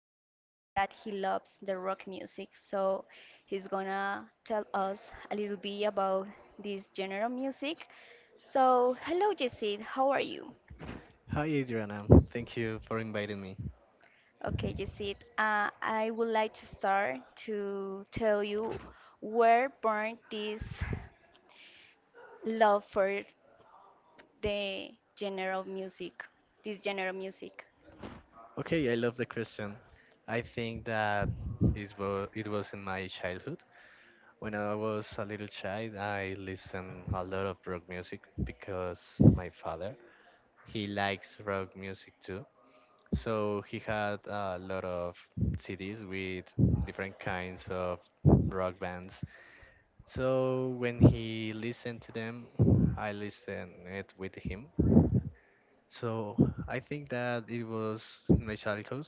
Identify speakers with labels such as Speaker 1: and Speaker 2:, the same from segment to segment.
Speaker 1: is that he loves the rock music. So he's gonna tell us a little bit about this genre of music. So, hello Yesid, how are you?
Speaker 2: Hi, Adriana. Thank you for inviting me.
Speaker 1: Okay, Yesid, I would like to start to tell you where born this love for the general music, this general music.
Speaker 2: Okay, I love the question. I think that it was in my childhood. When I was a little child, I listened a lot of rock music because my father, he likes rock music too. So he had a lot of CDs with different kinds of rock bands. So when he listened to them, I listened it with him. So I think that it was my childhood,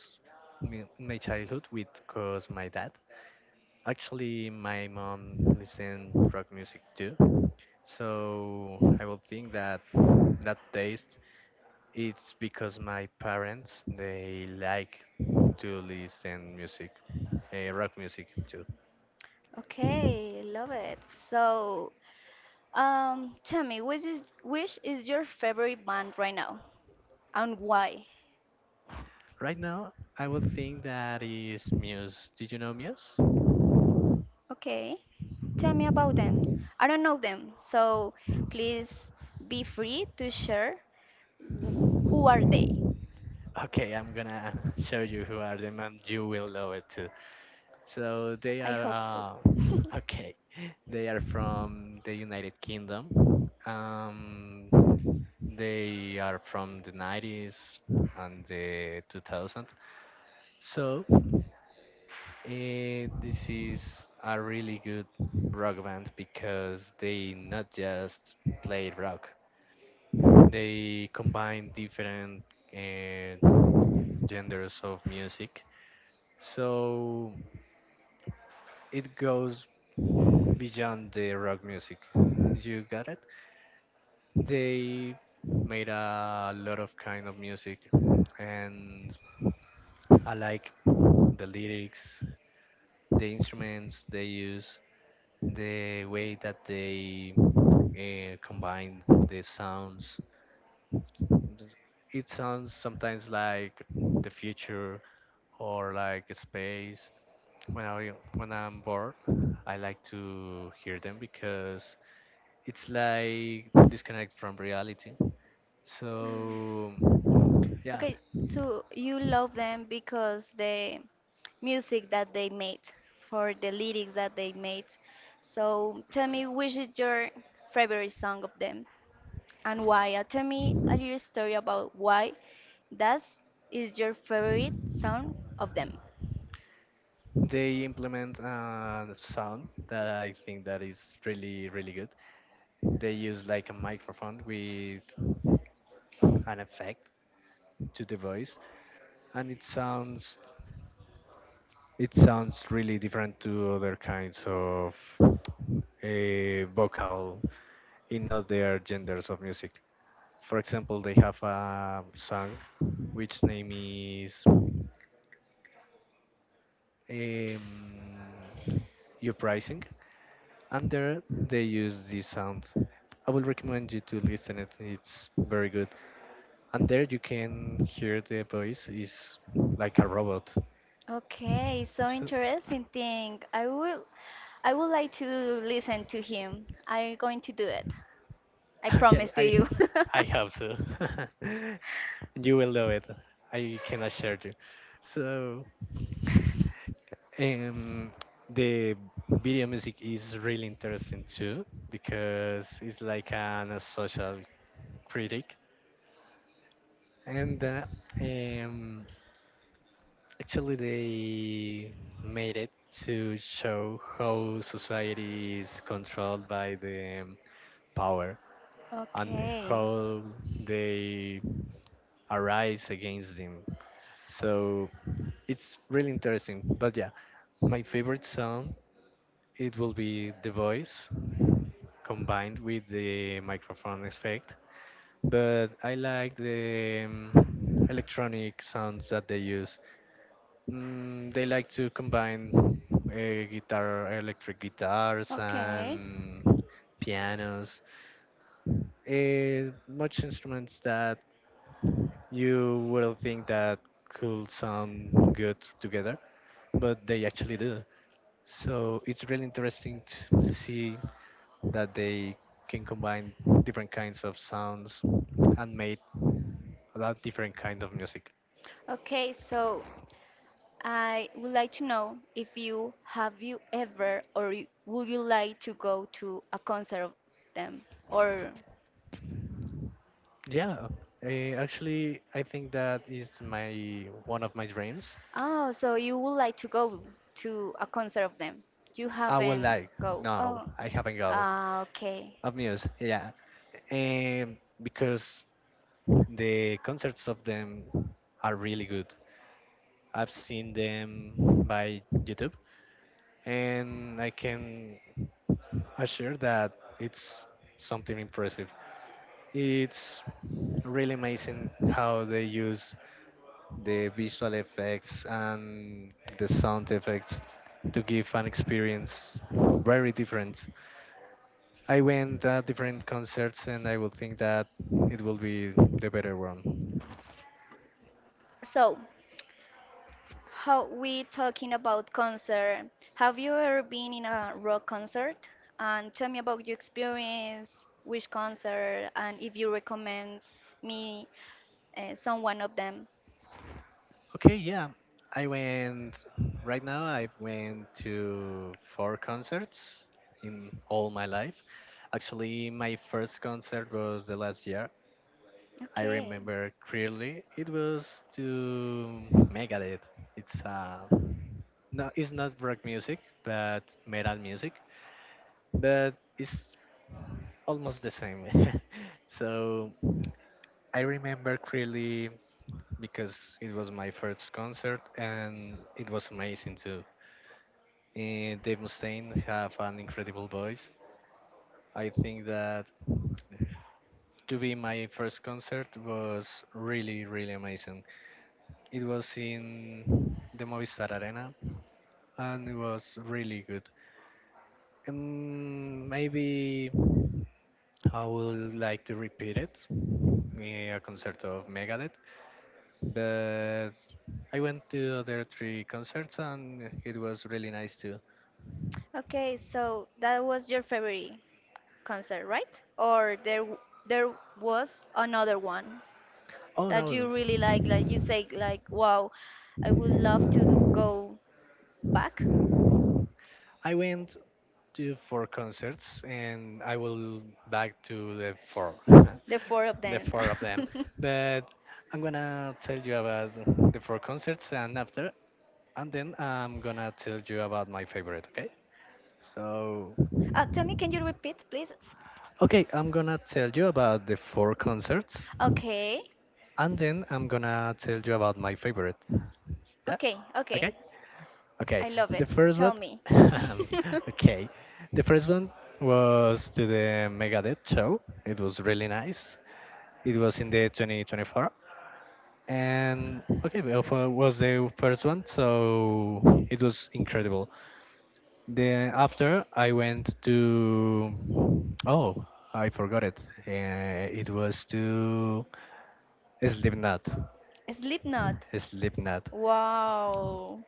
Speaker 2: my childhood with cause my dad. Actually, my mom listened rock music too. So I will think that that taste it's because my parents they like to listen music, rock music too.
Speaker 1: Okay, love it. So, tell me, which is your favorite band right now, and why?
Speaker 2: Right now, I would think that is Muse. Did you know Muse?
Speaker 1: Okay, tell me about them. I don't know them, so please be free to share wh- who are they.
Speaker 2: Okay, I'm gonna show you who are them and you will love it too. So they
Speaker 1: I
Speaker 2: are
Speaker 1: hope so.
Speaker 2: okay. They are from the United Kingdom. They are from the 90s and the 2000. So this is a really good rock band because they not just play rock. They combine different uh, genders of music. So it goes beyond the rock music. You got it? They made a lot of kind of music and I like the lyrics, the instruments they use, the way that they combine the sounds. It sounds sometimes like the future or like space. When I'm bored, I like to hear them because it's like disconnect from reality. So yeah,
Speaker 1: Okay, so you love them because the music that they made, for the lyrics that they made. So tell me, which is your favorite song of them, and why? Tell me a little story about why that is your favorite song of them.
Speaker 2: they implement a sound that I think that is really really good. They use like a microphone with an effect to the voice, and it sounds really different to other kinds of a vocal in other genders of music. For example, they have a song which name is um, your pricing, and there they use the sound. I will recommend you to listen it. It's very good, and there you can hear the voice is like a robot.
Speaker 1: Okay, so interesting thing. I will, I would like to listen to him. I'm going to do it. I
Speaker 2: So, okay,
Speaker 1: promise to you.
Speaker 2: I Probably. Hope so. You will love it. I can assure you. So um, the video music is really interesting too because it's like a social critic and. Um, Actually, they made it to show how society is controlled by the power and
Speaker 1: Okay.
Speaker 2: how they arise against them. So it's really interesting. But yeah, my favorite sound it will be the voice combined with the microphone effect. But I like the electronic sounds that they use. Mm, they like to combine guitar, electric guitars,
Speaker 1: Okay.
Speaker 2: and pianos. Much instruments that you would think that could sound good together, but they actually do. So it's really interesting to see that they can combine different kinds of sounds and make a lot different kind of music.
Speaker 1: Okay, so I would like to know if you have you ever or would you like to go to a concert of them or
Speaker 2: Yeah, actually, I think that is my one of my dreams.
Speaker 1: oh, so you would like to go to a concert of them. You
Speaker 2: I would
Speaker 1: haven't
Speaker 2: like,
Speaker 1: go.
Speaker 2: no,
Speaker 1: Oh,
Speaker 2: I haven't go.
Speaker 1: ah, okay.
Speaker 2: Of news, yeah, and because the concerts of them are really good. I've seen them by YouTube, and I can assure that it's something impressive. It's really amazing how they use the visual effects and the sound effects to give an experience very different. I went at different concerts, and I would think that it will be the better one.
Speaker 1: So, how we talking about concert? Have you ever been in a rock concert? And tell me about your experience, which concert, and if you recommend me some one of them.
Speaker 2: Okay, yeah. I went right now. I went to four concerts in all my life. Actually, my first concert was the last year. I
Speaker 1: Okay.
Speaker 2: remember clearly. It was to Megadeth. It's no, it's not rock music, but metal music, but it's almost the same. So I remember clearly because it was my first concert and it was amazing too. And Dave Mustaine have an incredible voice. I think that to be my first concert was really really amazing. It was in the Movistar Arena and it was really good. Maybe I would like to repeat it, a concert of Megadeth, but I went to the other three concerts and it was really nice too.
Speaker 1: Okay, so that was your favorite concert, right? Or there was another one
Speaker 2: Oh
Speaker 1: that you
Speaker 2: no,
Speaker 1: really like you say, like, wow, I would love to do, go back.
Speaker 2: I went to four concerts and I will back to the four,
Speaker 1: The four of
Speaker 2: the
Speaker 1: them.
Speaker 2: four of them. But I'm gonna tell you about the four concerts and then I'm gonna tell you about my favorite. Okay? So,
Speaker 1: Tell me, can you repeat, please?
Speaker 2: okay, I'm gonna tell you about the four concerts,
Speaker 1: Okay.
Speaker 2: and then I'm gonna tell you about my favorite. Yeah.
Speaker 1: Okay.
Speaker 2: Okay.
Speaker 1: Okay.
Speaker 2: Okay,
Speaker 1: I love it.
Speaker 2: the first
Speaker 1: Tell
Speaker 2: one.
Speaker 1: me.
Speaker 2: Okay, the first one was to the Megadeth show. It was really nice. It was in the 2024, and okay, well, was the first one, so it was incredible. Then after I went to oh I forgot it. Uh, it was to Slipknot.
Speaker 1: Slipknot.
Speaker 2: Slipknot.
Speaker 1: Wow.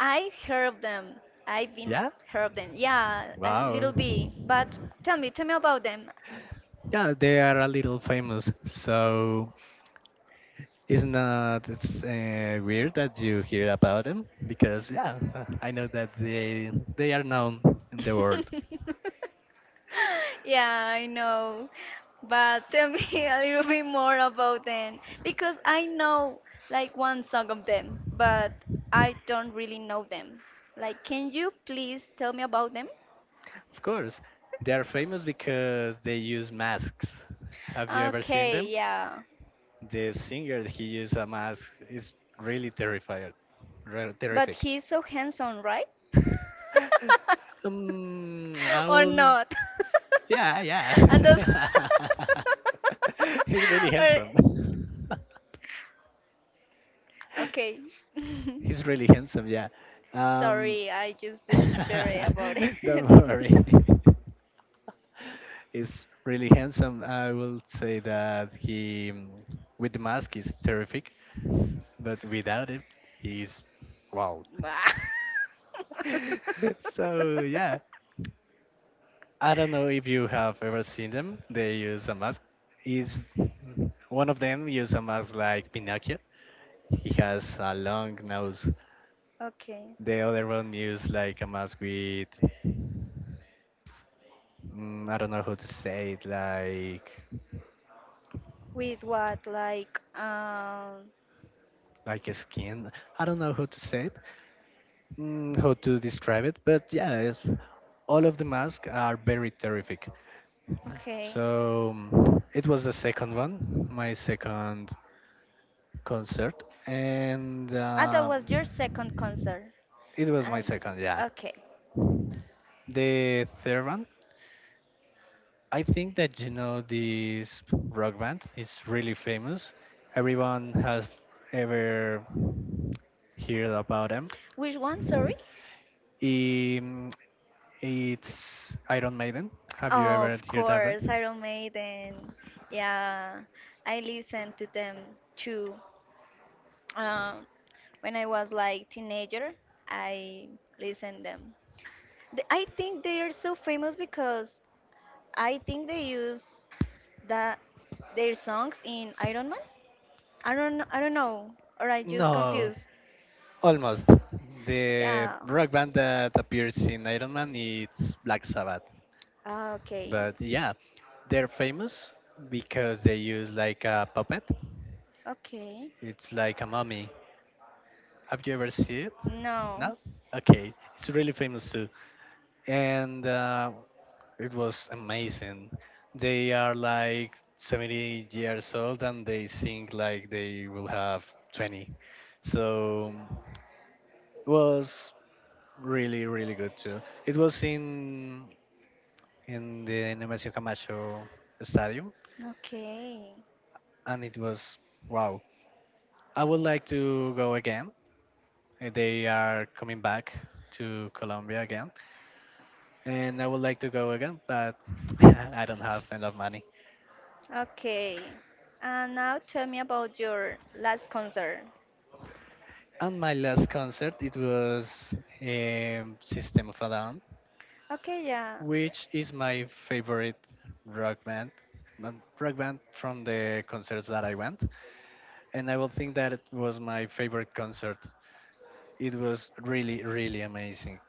Speaker 1: I heard of them. I've been
Speaker 2: Yeah.
Speaker 1: heard of them. Yeah, a little
Speaker 2: Wow.
Speaker 1: bit. But tell me about them.
Speaker 2: Yeah, they are a little famous, so it's not it's, weird that you hear about them because yeah, I know that they are known in the world.
Speaker 1: Yeah, I know. But tell me a little bit more about them because I know like one song of them, but I don't really know them. Like, can you please tell me about them?
Speaker 2: Of course, they are famous because they use masks. Have you ever seen
Speaker 1: Okay,
Speaker 2: them?
Speaker 1: yeah.
Speaker 2: The singer he uses a mask is really terrified,
Speaker 1: But
Speaker 2: terrific.
Speaker 1: he's so handsome, right?
Speaker 2: I
Speaker 1: or
Speaker 2: will.
Speaker 1: not.
Speaker 2: Yeah,
Speaker 1: And those
Speaker 2: yeah. He's really
Speaker 1: or
Speaker 2: handsome.
Speaker 1: okay.
Speaker 2: He's really handsome, yeah. Um,
Speaker 1: Sorry, I just despair about it.
Speaker 2: don't worry. He's really handsome. I will say that he, mm, with the mask, is terrific, but without it, he's.
Speaker 1: Bah.
Speaker 2: So, yeah. I don't know if you have ever seen them. They use a mask. Is one of them use a mask like Pinocchio? He has a long nose.
Speaker 1: Okay.
Speaker 2: The other one use like a mask with, mm, I don't know how to say it,
Speaker 1: With what? Like
Speaker 2: like a skin. I don't know how to say it, mm, how to describe it, but yeah, it's, all of the masks are very terrific.
Speaker 1: okay.
Speaker 2: So it was the second one, my second concert, and
Speaker 1: Ah, that was your second concert.
Speaker 2: it was my
Speaker 1: And
Speaker 2: second. Yeah,
Speaker 1: okay.
Speaker 2: the third one. I think that you know this rock band is really famous. Everyone has ever heard about them.
Speaker 1: Which one, sorry?
Speaker 2: Um, It's Iron Maiden. Have you
Speaker 1: Oh,
Speaker 2: ever
Speaker 1: of
Speaker 2: heard of it?
Speaker 1: course, Iron Maiden. Yeah, I listened to them too. Um, when I was like teenager, I listened them. I think they are so famous because I think they use that their songs in Iron Man. I don't know, or I just
Speaker 2: No,
Speaker 1: confused.
Speaker 2: almost. The
Speaker 1: Yeah.
Speaker 2: rock band that appears in Iron Man is Black Sabbath.
Speaker 1: Okay.
Speaker 2: But yeah, they're famous because they use like a puppet.
Speaker 1: Okay.
Speaker 2: It's like a mummy. Have you ever seen it?
Speaker 1: No.
Speaker 2: No? Okay, it's really famous too. And it was amazing. They are like 70 years old and they sing like they will have 20. So it was really, really good too. It was in the Nemesio Camacho Stadium
Speaker 1: Okay.
Speaker 2: and it was wow. I would like to go again. They are coming back to Colombia again and I would like to go again, but I don't have enough money.
Speaker 1: Okay. And now tell me about your last concert.
Speaker 2: And my last concert, it was System of a Down,
Speaker 1: Okay, yeah.
Speaker 2: which is my favorite rock band, from the concerts that I went. And I would think that it was my favorite concert. It was really, really amazing.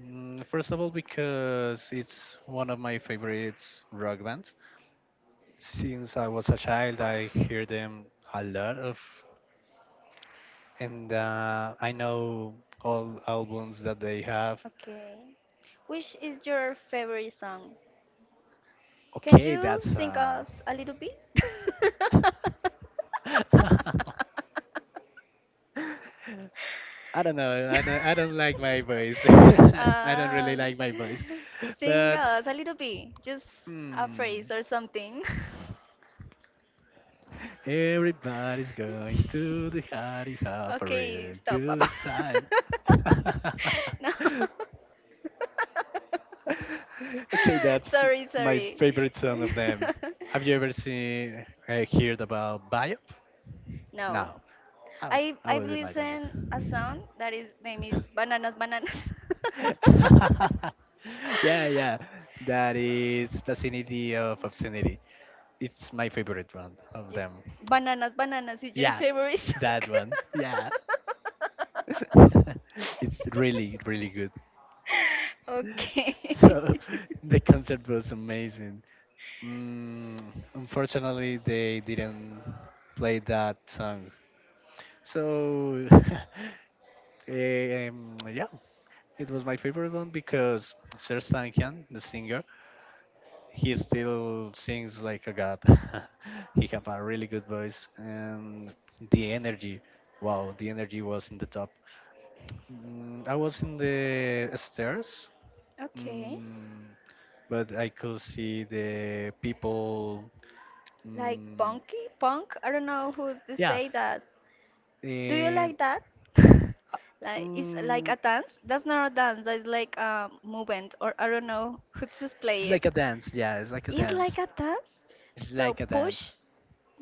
Speaker 2: Mm, first of all, because it's one of my favorite rock bands. Since I was a child, I hear them a lot of, and I know all albums that they have.
Speaker 1: Okay. Which is your favorite song? Can
Speaker 2: Okay,
Speaker 1: you
Speaker 2: that's
Speaker 1: sing us a little bit?
Speaker 2: I don't know. I don't like my voice. I don't really
Speaker 1: Um,
Speaker 2: like my voice.
Speaker 1: Sing
Speaker 2: But
Speaker 1: us a little bit, just a
Speaker 2: hmm,
Speaker 1: phrase or something.
Speaker 2: everybody's going to the party have a
Speaker 1: Okay,
Speaker 2: real
Speaker 1: stop, Papa.
Speaker 2: good time.
Speaker 1: No.
Speaker 2: Okay, that's
Speaker 1: Sorry,
Speaker 2: my
Speaker 1: sorry.
Speaker 2: favorite song of them. Have you ever seen heard about Biop?
Speaker 1: No.
Speaker 2: No. Oh,
Speaker 1: I
Speaker 2: I
Speaker 1: I've
Speaker 2: will imagine
Speaker 1: listened a song that is name is
Speaker 2: it.
Speaker 1: Bananas Bananas.
Speaker 2: Yeah, yeah. That is Vicinity of Obscenity. It's my favorite one of
Speaker 1: Y-
Speaker 2: them.
Speaker 1: Bananas Bananas is your
Speaker 2: Yeah,
Speaker 1: favorite song.
Speaker 2: that one. Yeah. It's really, really good.
Speaker 1: Okay.
Speaker 2: So the concert was amazing. Mm, unfortunately, they didn't play that song. So, yeah, it was my favorite one because Serj Tankian, the singer, he still sings like a god. He have a really good voice and the energy. Wow, the energy was in the top. Mm, I was in the stairs,
Speaker 1: Okay.
Speaker 2: mm, but I could see the people.
Speaker 1: Like
Speaker 2: Mm,
Speaker 1: punky? Punk? I don't know who to
Speaker 2: yeah,
Speaker 1: say that. Do you
Speaker 2: eh,
Speaker 1: like that? Like it's like
Speaker 2: mm,
Speaker 1: a dance? That's not a dance, that's like a movement or I don't know who to
Speaker 2: it's
Speaker 1: play
Speaker 2: like a
Speaker 1: it.
Speaker 2: dance. Yeah, it's like a
Speaker 1: It's
Speaker 2: dance.
Speaker 1: like a dance?
Speaker 2: It's
Speaker 1: So
Speaker 2: like a
Speaker 1: push
Speaker 2: dance.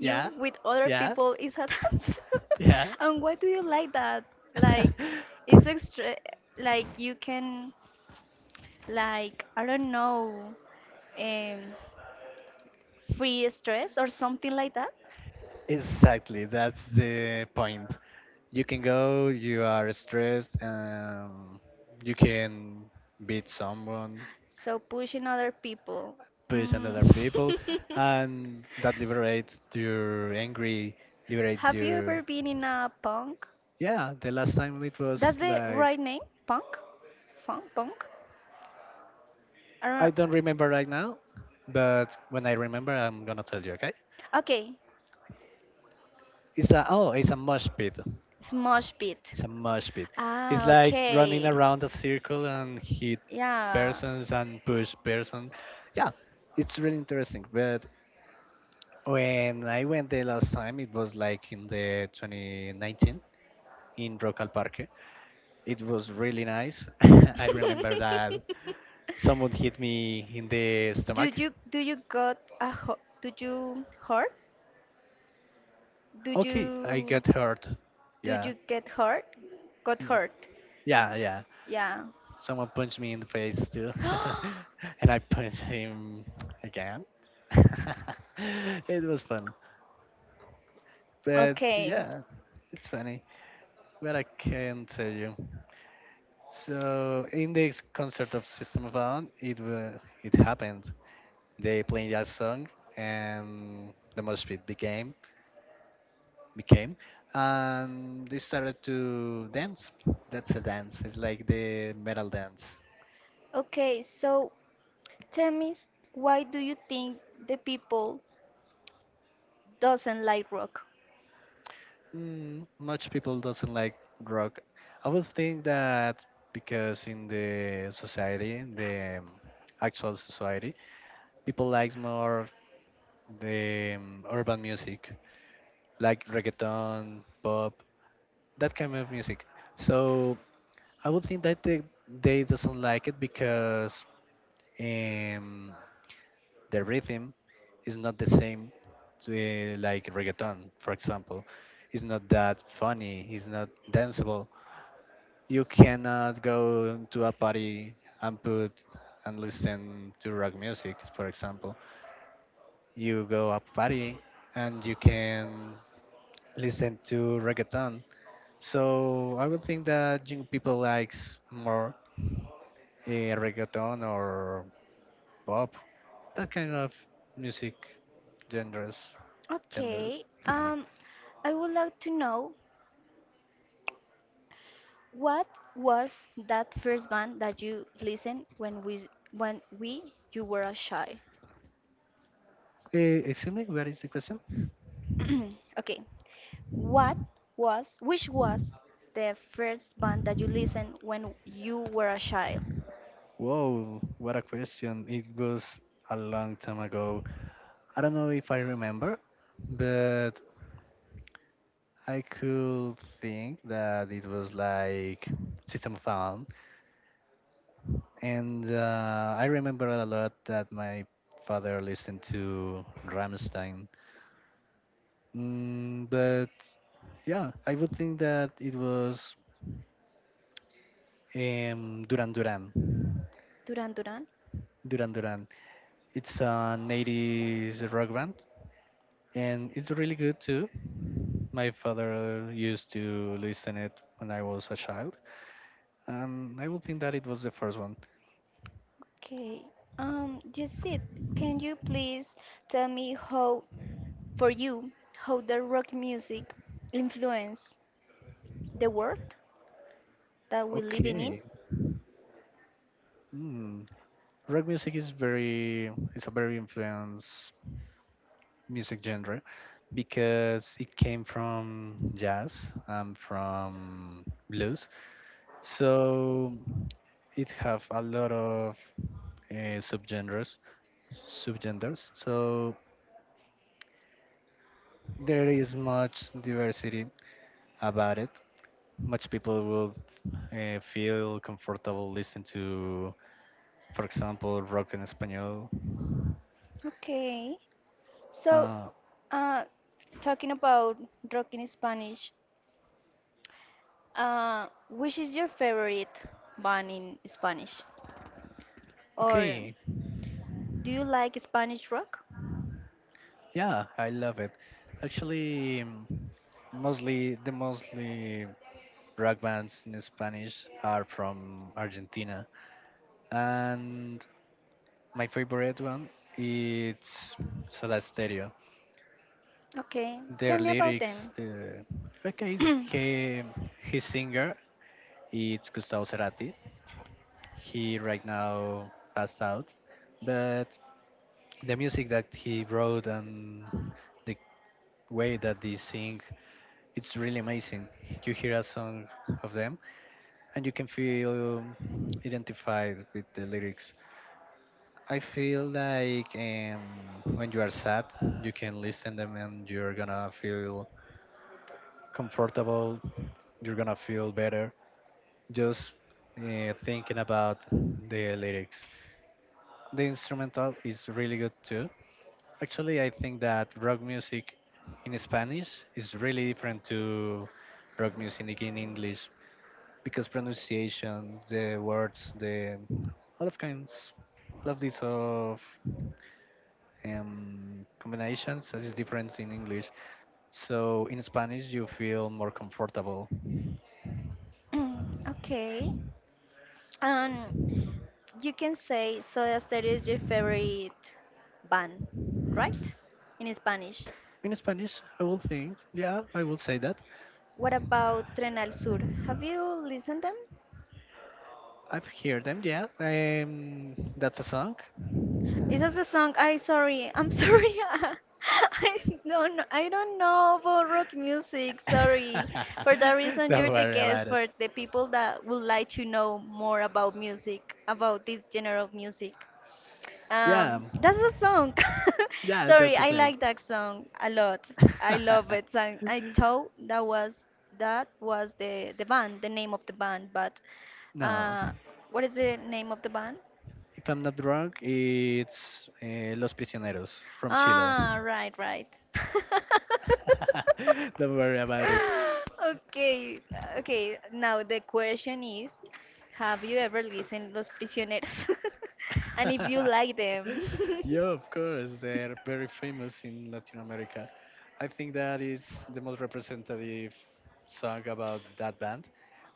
Speaker 2: Yeah,
Speaker 1: with other
Speaker 2: yeah,
Speaker 1: people is a dance.
Speaker 2: yeah.
Speaker 1: And why do you like that? Like it's extra like you can like I don't know um free stress or something like that?
Speaker 2: Exactly, that's the point. You can go, you are stressed, you can beat someone,
Speaker 1: So pushing other people.
Speaker 2: push
Speaker 1: Mm.
Speaker 2: another people, and that liberates your angry, liberates
Speaker 1: Have you ever
Speaker 2: your.
Speaker 1: been in a punk?
Speaker 2: Yeah, the last time it
Speaker 1: That's
Speaker 2: was
Speaker 1: the right
Speaker 2: like.
Speaker 1: name? Punk? Funk? Punk? I don't know.
Speaker 2: I don't remember right now, but when I remember, I'm gonna tell you, okay?
Speaker 1: Okay.
Speaker 2: It's a. Oh, it's a mosh pit.
Speaker 1: Smosh pit.
Speaker 2: It's a mosh pit. It's
Speaker 1: Ah,
Speaker 2: like running
Speaker 1: okay.
Speaker 2: around a circle and hit
Speaker 1: Yeah.
Speaker 2: persons and push person. Yeah, it's really interesting. But when I went there last time, it was like in the 2019 in Rocal Parque. It was really nice. I remember that someone hit me in the
Speaker 1: Do
Speaker 2: stomach.
Speaker 1: you do you do you hurt? Do
Speaker 2: Okay, I
Speaker 1: you
Speaker 2: got hurt.
Speaker 1: do
Speaker 2: Yeah,
Speaker 1: you get hurt? Got
Speaker 2: yeah,
Speaker 1: hurt?
Speaker 2: yeah, yeah.
Speaker 1: Yeah.
Speaker 2: Someone punched me in the face too, and I punched him again. It was fun, but
Speaker 1: Okay.
Speaker 2: yeah, it's funny. But I can tell you. So in the concert of System of a Down, it happened. They played that song, and the mosh pit became, and they started to dance. That's a dance. It's like the metal dance.
Speaker 1: Okay, so tell me, why do you think the people doesn't like rock?
Speaker 2: Mm, much people doesn't like rock. I would think that because in the society, the actual society, people likes more the urban music, like reggaeton, pop, that kind of music. So I would think that they doesn't like it because um, the rhythm is not the same to like reggaeton, for example. It's not that funny. It's not danceable. You cannot go to a party and put and listen to rock music, for example. You go a party and you can listen to reggaeton. So I would think that young people likes more reggaeton or pop, that kind of music genres genders.
Speaker 1: Okay, I would like to know what was that first band that you listened when we you were a child?
Speaker 2: Eh, excuse me, what is the question?
Speaker 1: Okay, what was which was the first band that you listened when you were a child?
Speaker 2: Whoa, what a question! It was a long time ago. I don't know if I remember, but I could think that it was like System of a Down, and I remember a lot that my father listened to Rammstein. Mm, but yeah, I would think that it was Duran Duran.
Speaker 1: Duran Duran.
Speaker 2: Duran Duran. It's an 80s rock band, and it's really good too. My father used to listen it when I was a child, and I would think that it was the first one.
Speaker 1: Okay. Jacid, can you please tell me how for you, how the rock music influence the world that we're living in?
Speaker 2: Okay. Hmm. Rock music is very, it's a very influenced music genre because it came from jazz and from blues. So it have a lot of subgenres subgenders. So there is much diversity about it. Much people will feel comfortable listening to, for example, rock in espanol.
Speaker 1: Okay. So,
Speaker 2: uh,
Speaker 1: uh, talking about rock in Spanish, which is your favorite band in Spanish? Or
Speaker 2: okay,
Speaker 1: do you like Spanish rock?
Speaker 2: yeah, I love it. Actually, the mostly rock bands in Spanish are from Argentina, and my favorite one it's Soda Stereo.
Speaker 1: Okay, tell
Speaker 2: Their
Speaker 1: me about
Speaker 2: lyrics,
Speaker 1: them.
Speaker 2: the okay, he, his singer it's Gustavo Cerati. He right now passed out, but the music that he wrote and the way that they sing, it's really amazing. You hear a song of them, and you can feel identified with the lyrics. I feel like when you are sad, you can listen them and you're gonna feel comfortable. You're gonna feel better, just thinking about the lyrics. The instrumental is really good too. Actually, I think that rock music in Spanish is really different to rock music in English because pronunciation, the words, the all of kinds, all of these of combinations that is different in English. So in Spanish, you feel more comfortable.
Speaker 1: Okay. And you can say Soda Stereo is your favorite band, right? In Spanish.
Speaker 2: In Spanish, I will think, yeah, I will say that.
Speaker 1: What about Tren Al Sur? Have you listened them?
Speaker 2: I've heard them, yeah. That's a song.
Speaker 1: Is that the song? I sorry, I'm sorry. I don't I don't know about rock music. Sorry. For that reason,
Speaker 2: Don't
Speaker 1: you're the
Speaker 2: worry about
Speaker 1: guest
Speaker 2: it.
Speaker 1: for the people that would like to know more about music, about this genre of music.
Speaker 2: Yeah,
Speaker 1: That's a song.
Speaker 2: yeah,
Speaker 1: Sorry,
Speaker 2: that's a
Speaker 1: I
Speaker 2: song.
Speaker 1: like that song a lot. I love it. And I thought that was the band, the name of the band. But
Speaker 2: No,
Speaker 1: uh, what is the name of the band?
Speaker 2: if I'm not wrong, it's Los Prisioneros from Chile.
Speaker 1: Ah, right, right.
Speaker 2: Don't worry about it.
Speaker 1: Okay, okay. Now the question is, have you ever listened Los Prisioneros? And if you like them.
Speaker 2: Yeah, of course, they're very famous in Latin America. I think that is the most representative song about that band.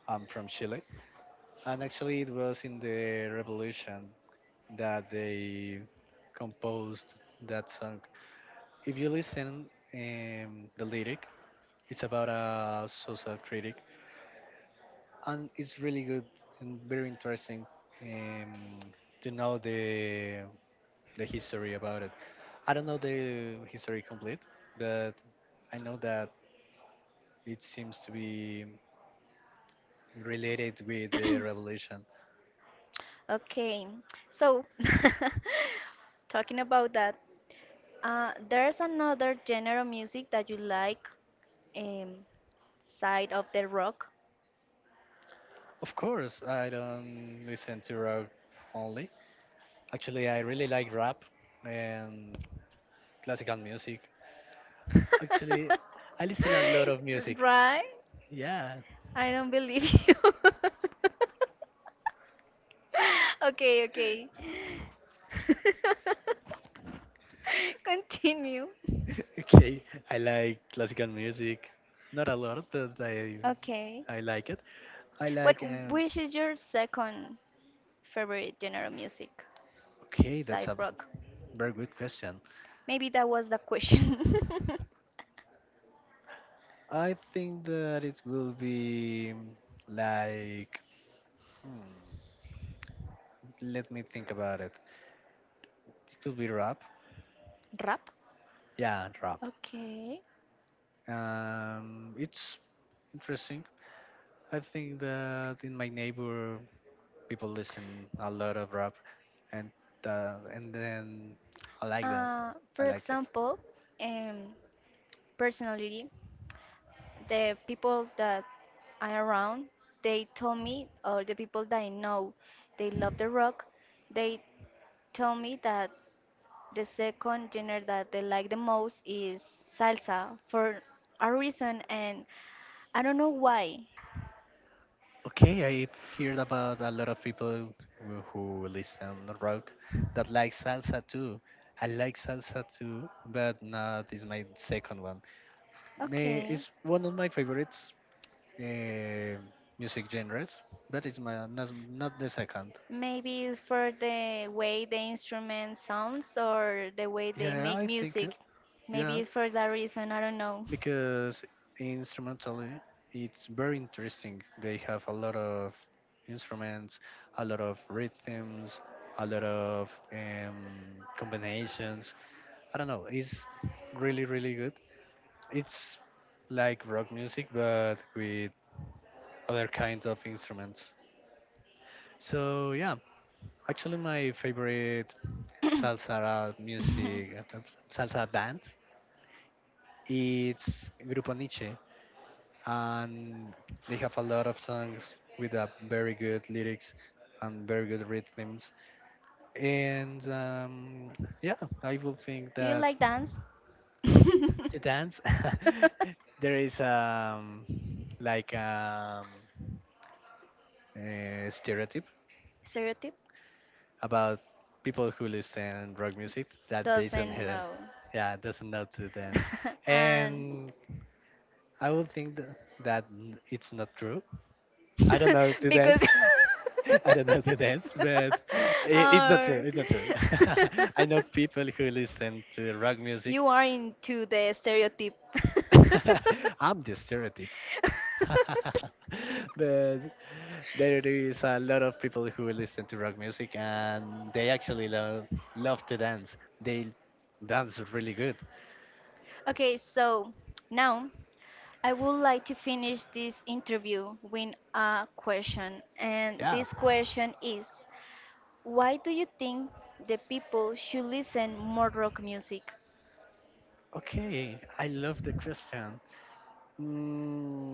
Speaker 2: I'm from Chile, and actually, it was in the revolution that they composed that song. If you listen the lyric, it's about a social critic, and it's really good and very interesting um, to know the history about it. I don't know the history complete, but I know that it seems to be related with the revolution.
Speaker 1: Okay, so talking about that, there's another genre of music that you like, um, side of the rock.
Speaker 2: Of course, I don't listen to rock only. Actually, I really like rap and classical music. Actually, I listen a lot of music.
Speaker 1: Right?
Speaker 2: Yeah.
Speaker 1: I don't believe you. Okay, okay. Continue.
Speaker 2: Okay. I like classical music. Not a lot, but
Speaker 1: Okay.
Speaker 2: I like it. I
Speaker 1: But
Speaker 2: like
Speaker 1: which is your second favorite genre of music?
Speaker 2: okay, that's
Speaker 1: Side
Speaker 2: a
Speaker 1: rock.
Speaker 2: very good question.
Speaker 1: Maybe that was the question.
Speaker 2: I think that it will be like, hmm, let me think about it. It could be rap.
Speaker 1: Rap?
Speaker 2: Yeah, rap.
Speaker 1: Okay.
Speaker 2: It's interesting. I think that in my neighbor people listen a lot of rap, and and then I like them. I
Speaker 1: For
Speaker 2: like it.
Speaker 1: example, um, personality, the people that I around, they told me, or the people that I know, they love the rock. They tell me that the second genre that they like the most is salsa for a reason, and I don't know why.
Speaker 2: Okay, I've heard about a lot of people who listen rock that like salsa too. I like salsa too, but not is my second one. Eh,
Speaker 1: Okay.
Speaker 2: it's one of my favorites uh, music genres, but it's my not the second.
Speaker 1: Maybe it's for the way the instrument sounds or the way they
Speaker 2: Yeah,
Speaker 1: make
Speaker 2: I think
Speaker 1: music. Maybe
Speaker 2: yeah.
Speaker 1: it's for that reason, I don't know.
Speaker 2: Because instrumentally it's very interesting. They have a lot of instruments, a lot of rhythms, a lot of combinations. I don't know. It's really really good. It's like rock music but with other kinds of instruments. So yeah, actually my favorite salsa music salsa band it's Grupo Nietzsche, and they have a lot of songs with a very good lyrics and very good rhythms. And yeah, I would think
Speaker 1: Do you
Speaker 2: that
Speaker 1: like dance?
Speaker 2: to dance, there is like a stereotype
Speaker 1: Stereotype?
Speaker 2: about people who listen rock music that they don't
Speaker 1: Doesn't
Speaker 2: have,
Speaker 1: know.
Speaker 2: yeah doesn't know to dance,
Speaker 1: And
Speaker 2: and I would think it's not true. I don't know to
Speaker 1: because
Speaker 2: dance. I don't know to dance, but I it's not true.
Speaker 1: or
Speaker 2: It's not true. I know people who listen to rock music.
Speaker 1: you are into the stereotype.
Speaker 2: I'm the stereotype. But there is a lot of people who listen to rock music and they actually love to dance. They dance really good.
Speaker 1: Okay, so now I would like to finish this interview with a question. And
Speaker 2: Yeah.
Speaker 1: this question is why do you think the people should listen more rock music?
Speaker 2: Okay. I love the question. Mm,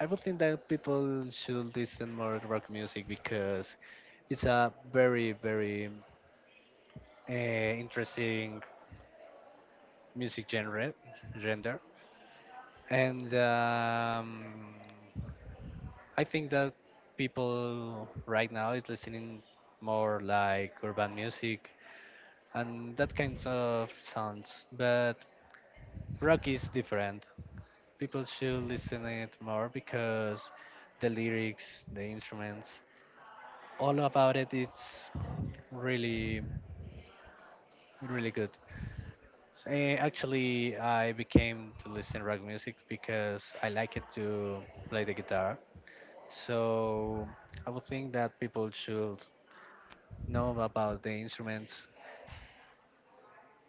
Speaker 2: I would think that people should listen more rock music because it's a very, very interesting music genre, and I think that people right now is listening more like urban music and that kinds of sounds, but rock is different. People should listen it more because the lyrics, the instruments. All about it. It's really, really good. Actually, I became to listen rock music because I like it to play the guitar. So I would think that people should know about the instruments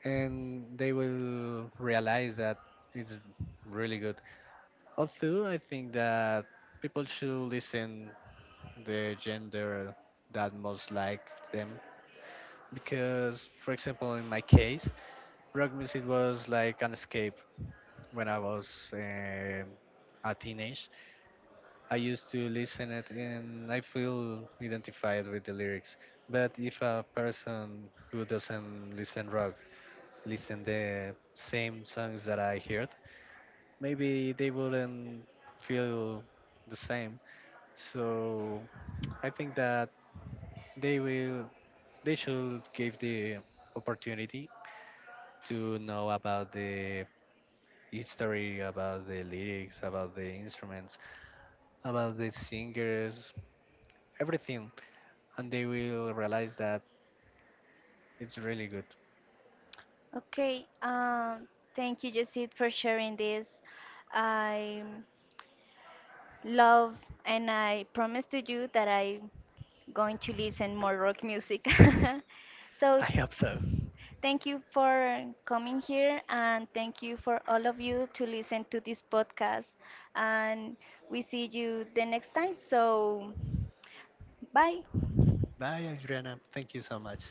Speaker 2: and they will realize that it's really good. Although I think that people should listen the gender that most like them, because for example in my case rock music was like an escape when I was a teenage. I used to listen it and I feel identified with the lyrics. But if a person who doesn't listen rock listen the same songs that I heard, maybe they wouldn't feel the same. So I think that they will they should give the opportunity to know about the history, about the lyrics, about the instruments, about the singers, everything, and they will realize that it's really good.
Speaker 1: Okay, thank you, Jessit, for sharing this. I love and I promise to you that I'm going to listen more rock music.
Speaker 2: I
Speaker 1: So
Speaker 2: hope so.
Speaker 1: thank you for coming here and thank you for all of you to listen to this podcast. And we see you the next time. So, bye.
Speaker 2: Bye, Adriana. Thank you so much.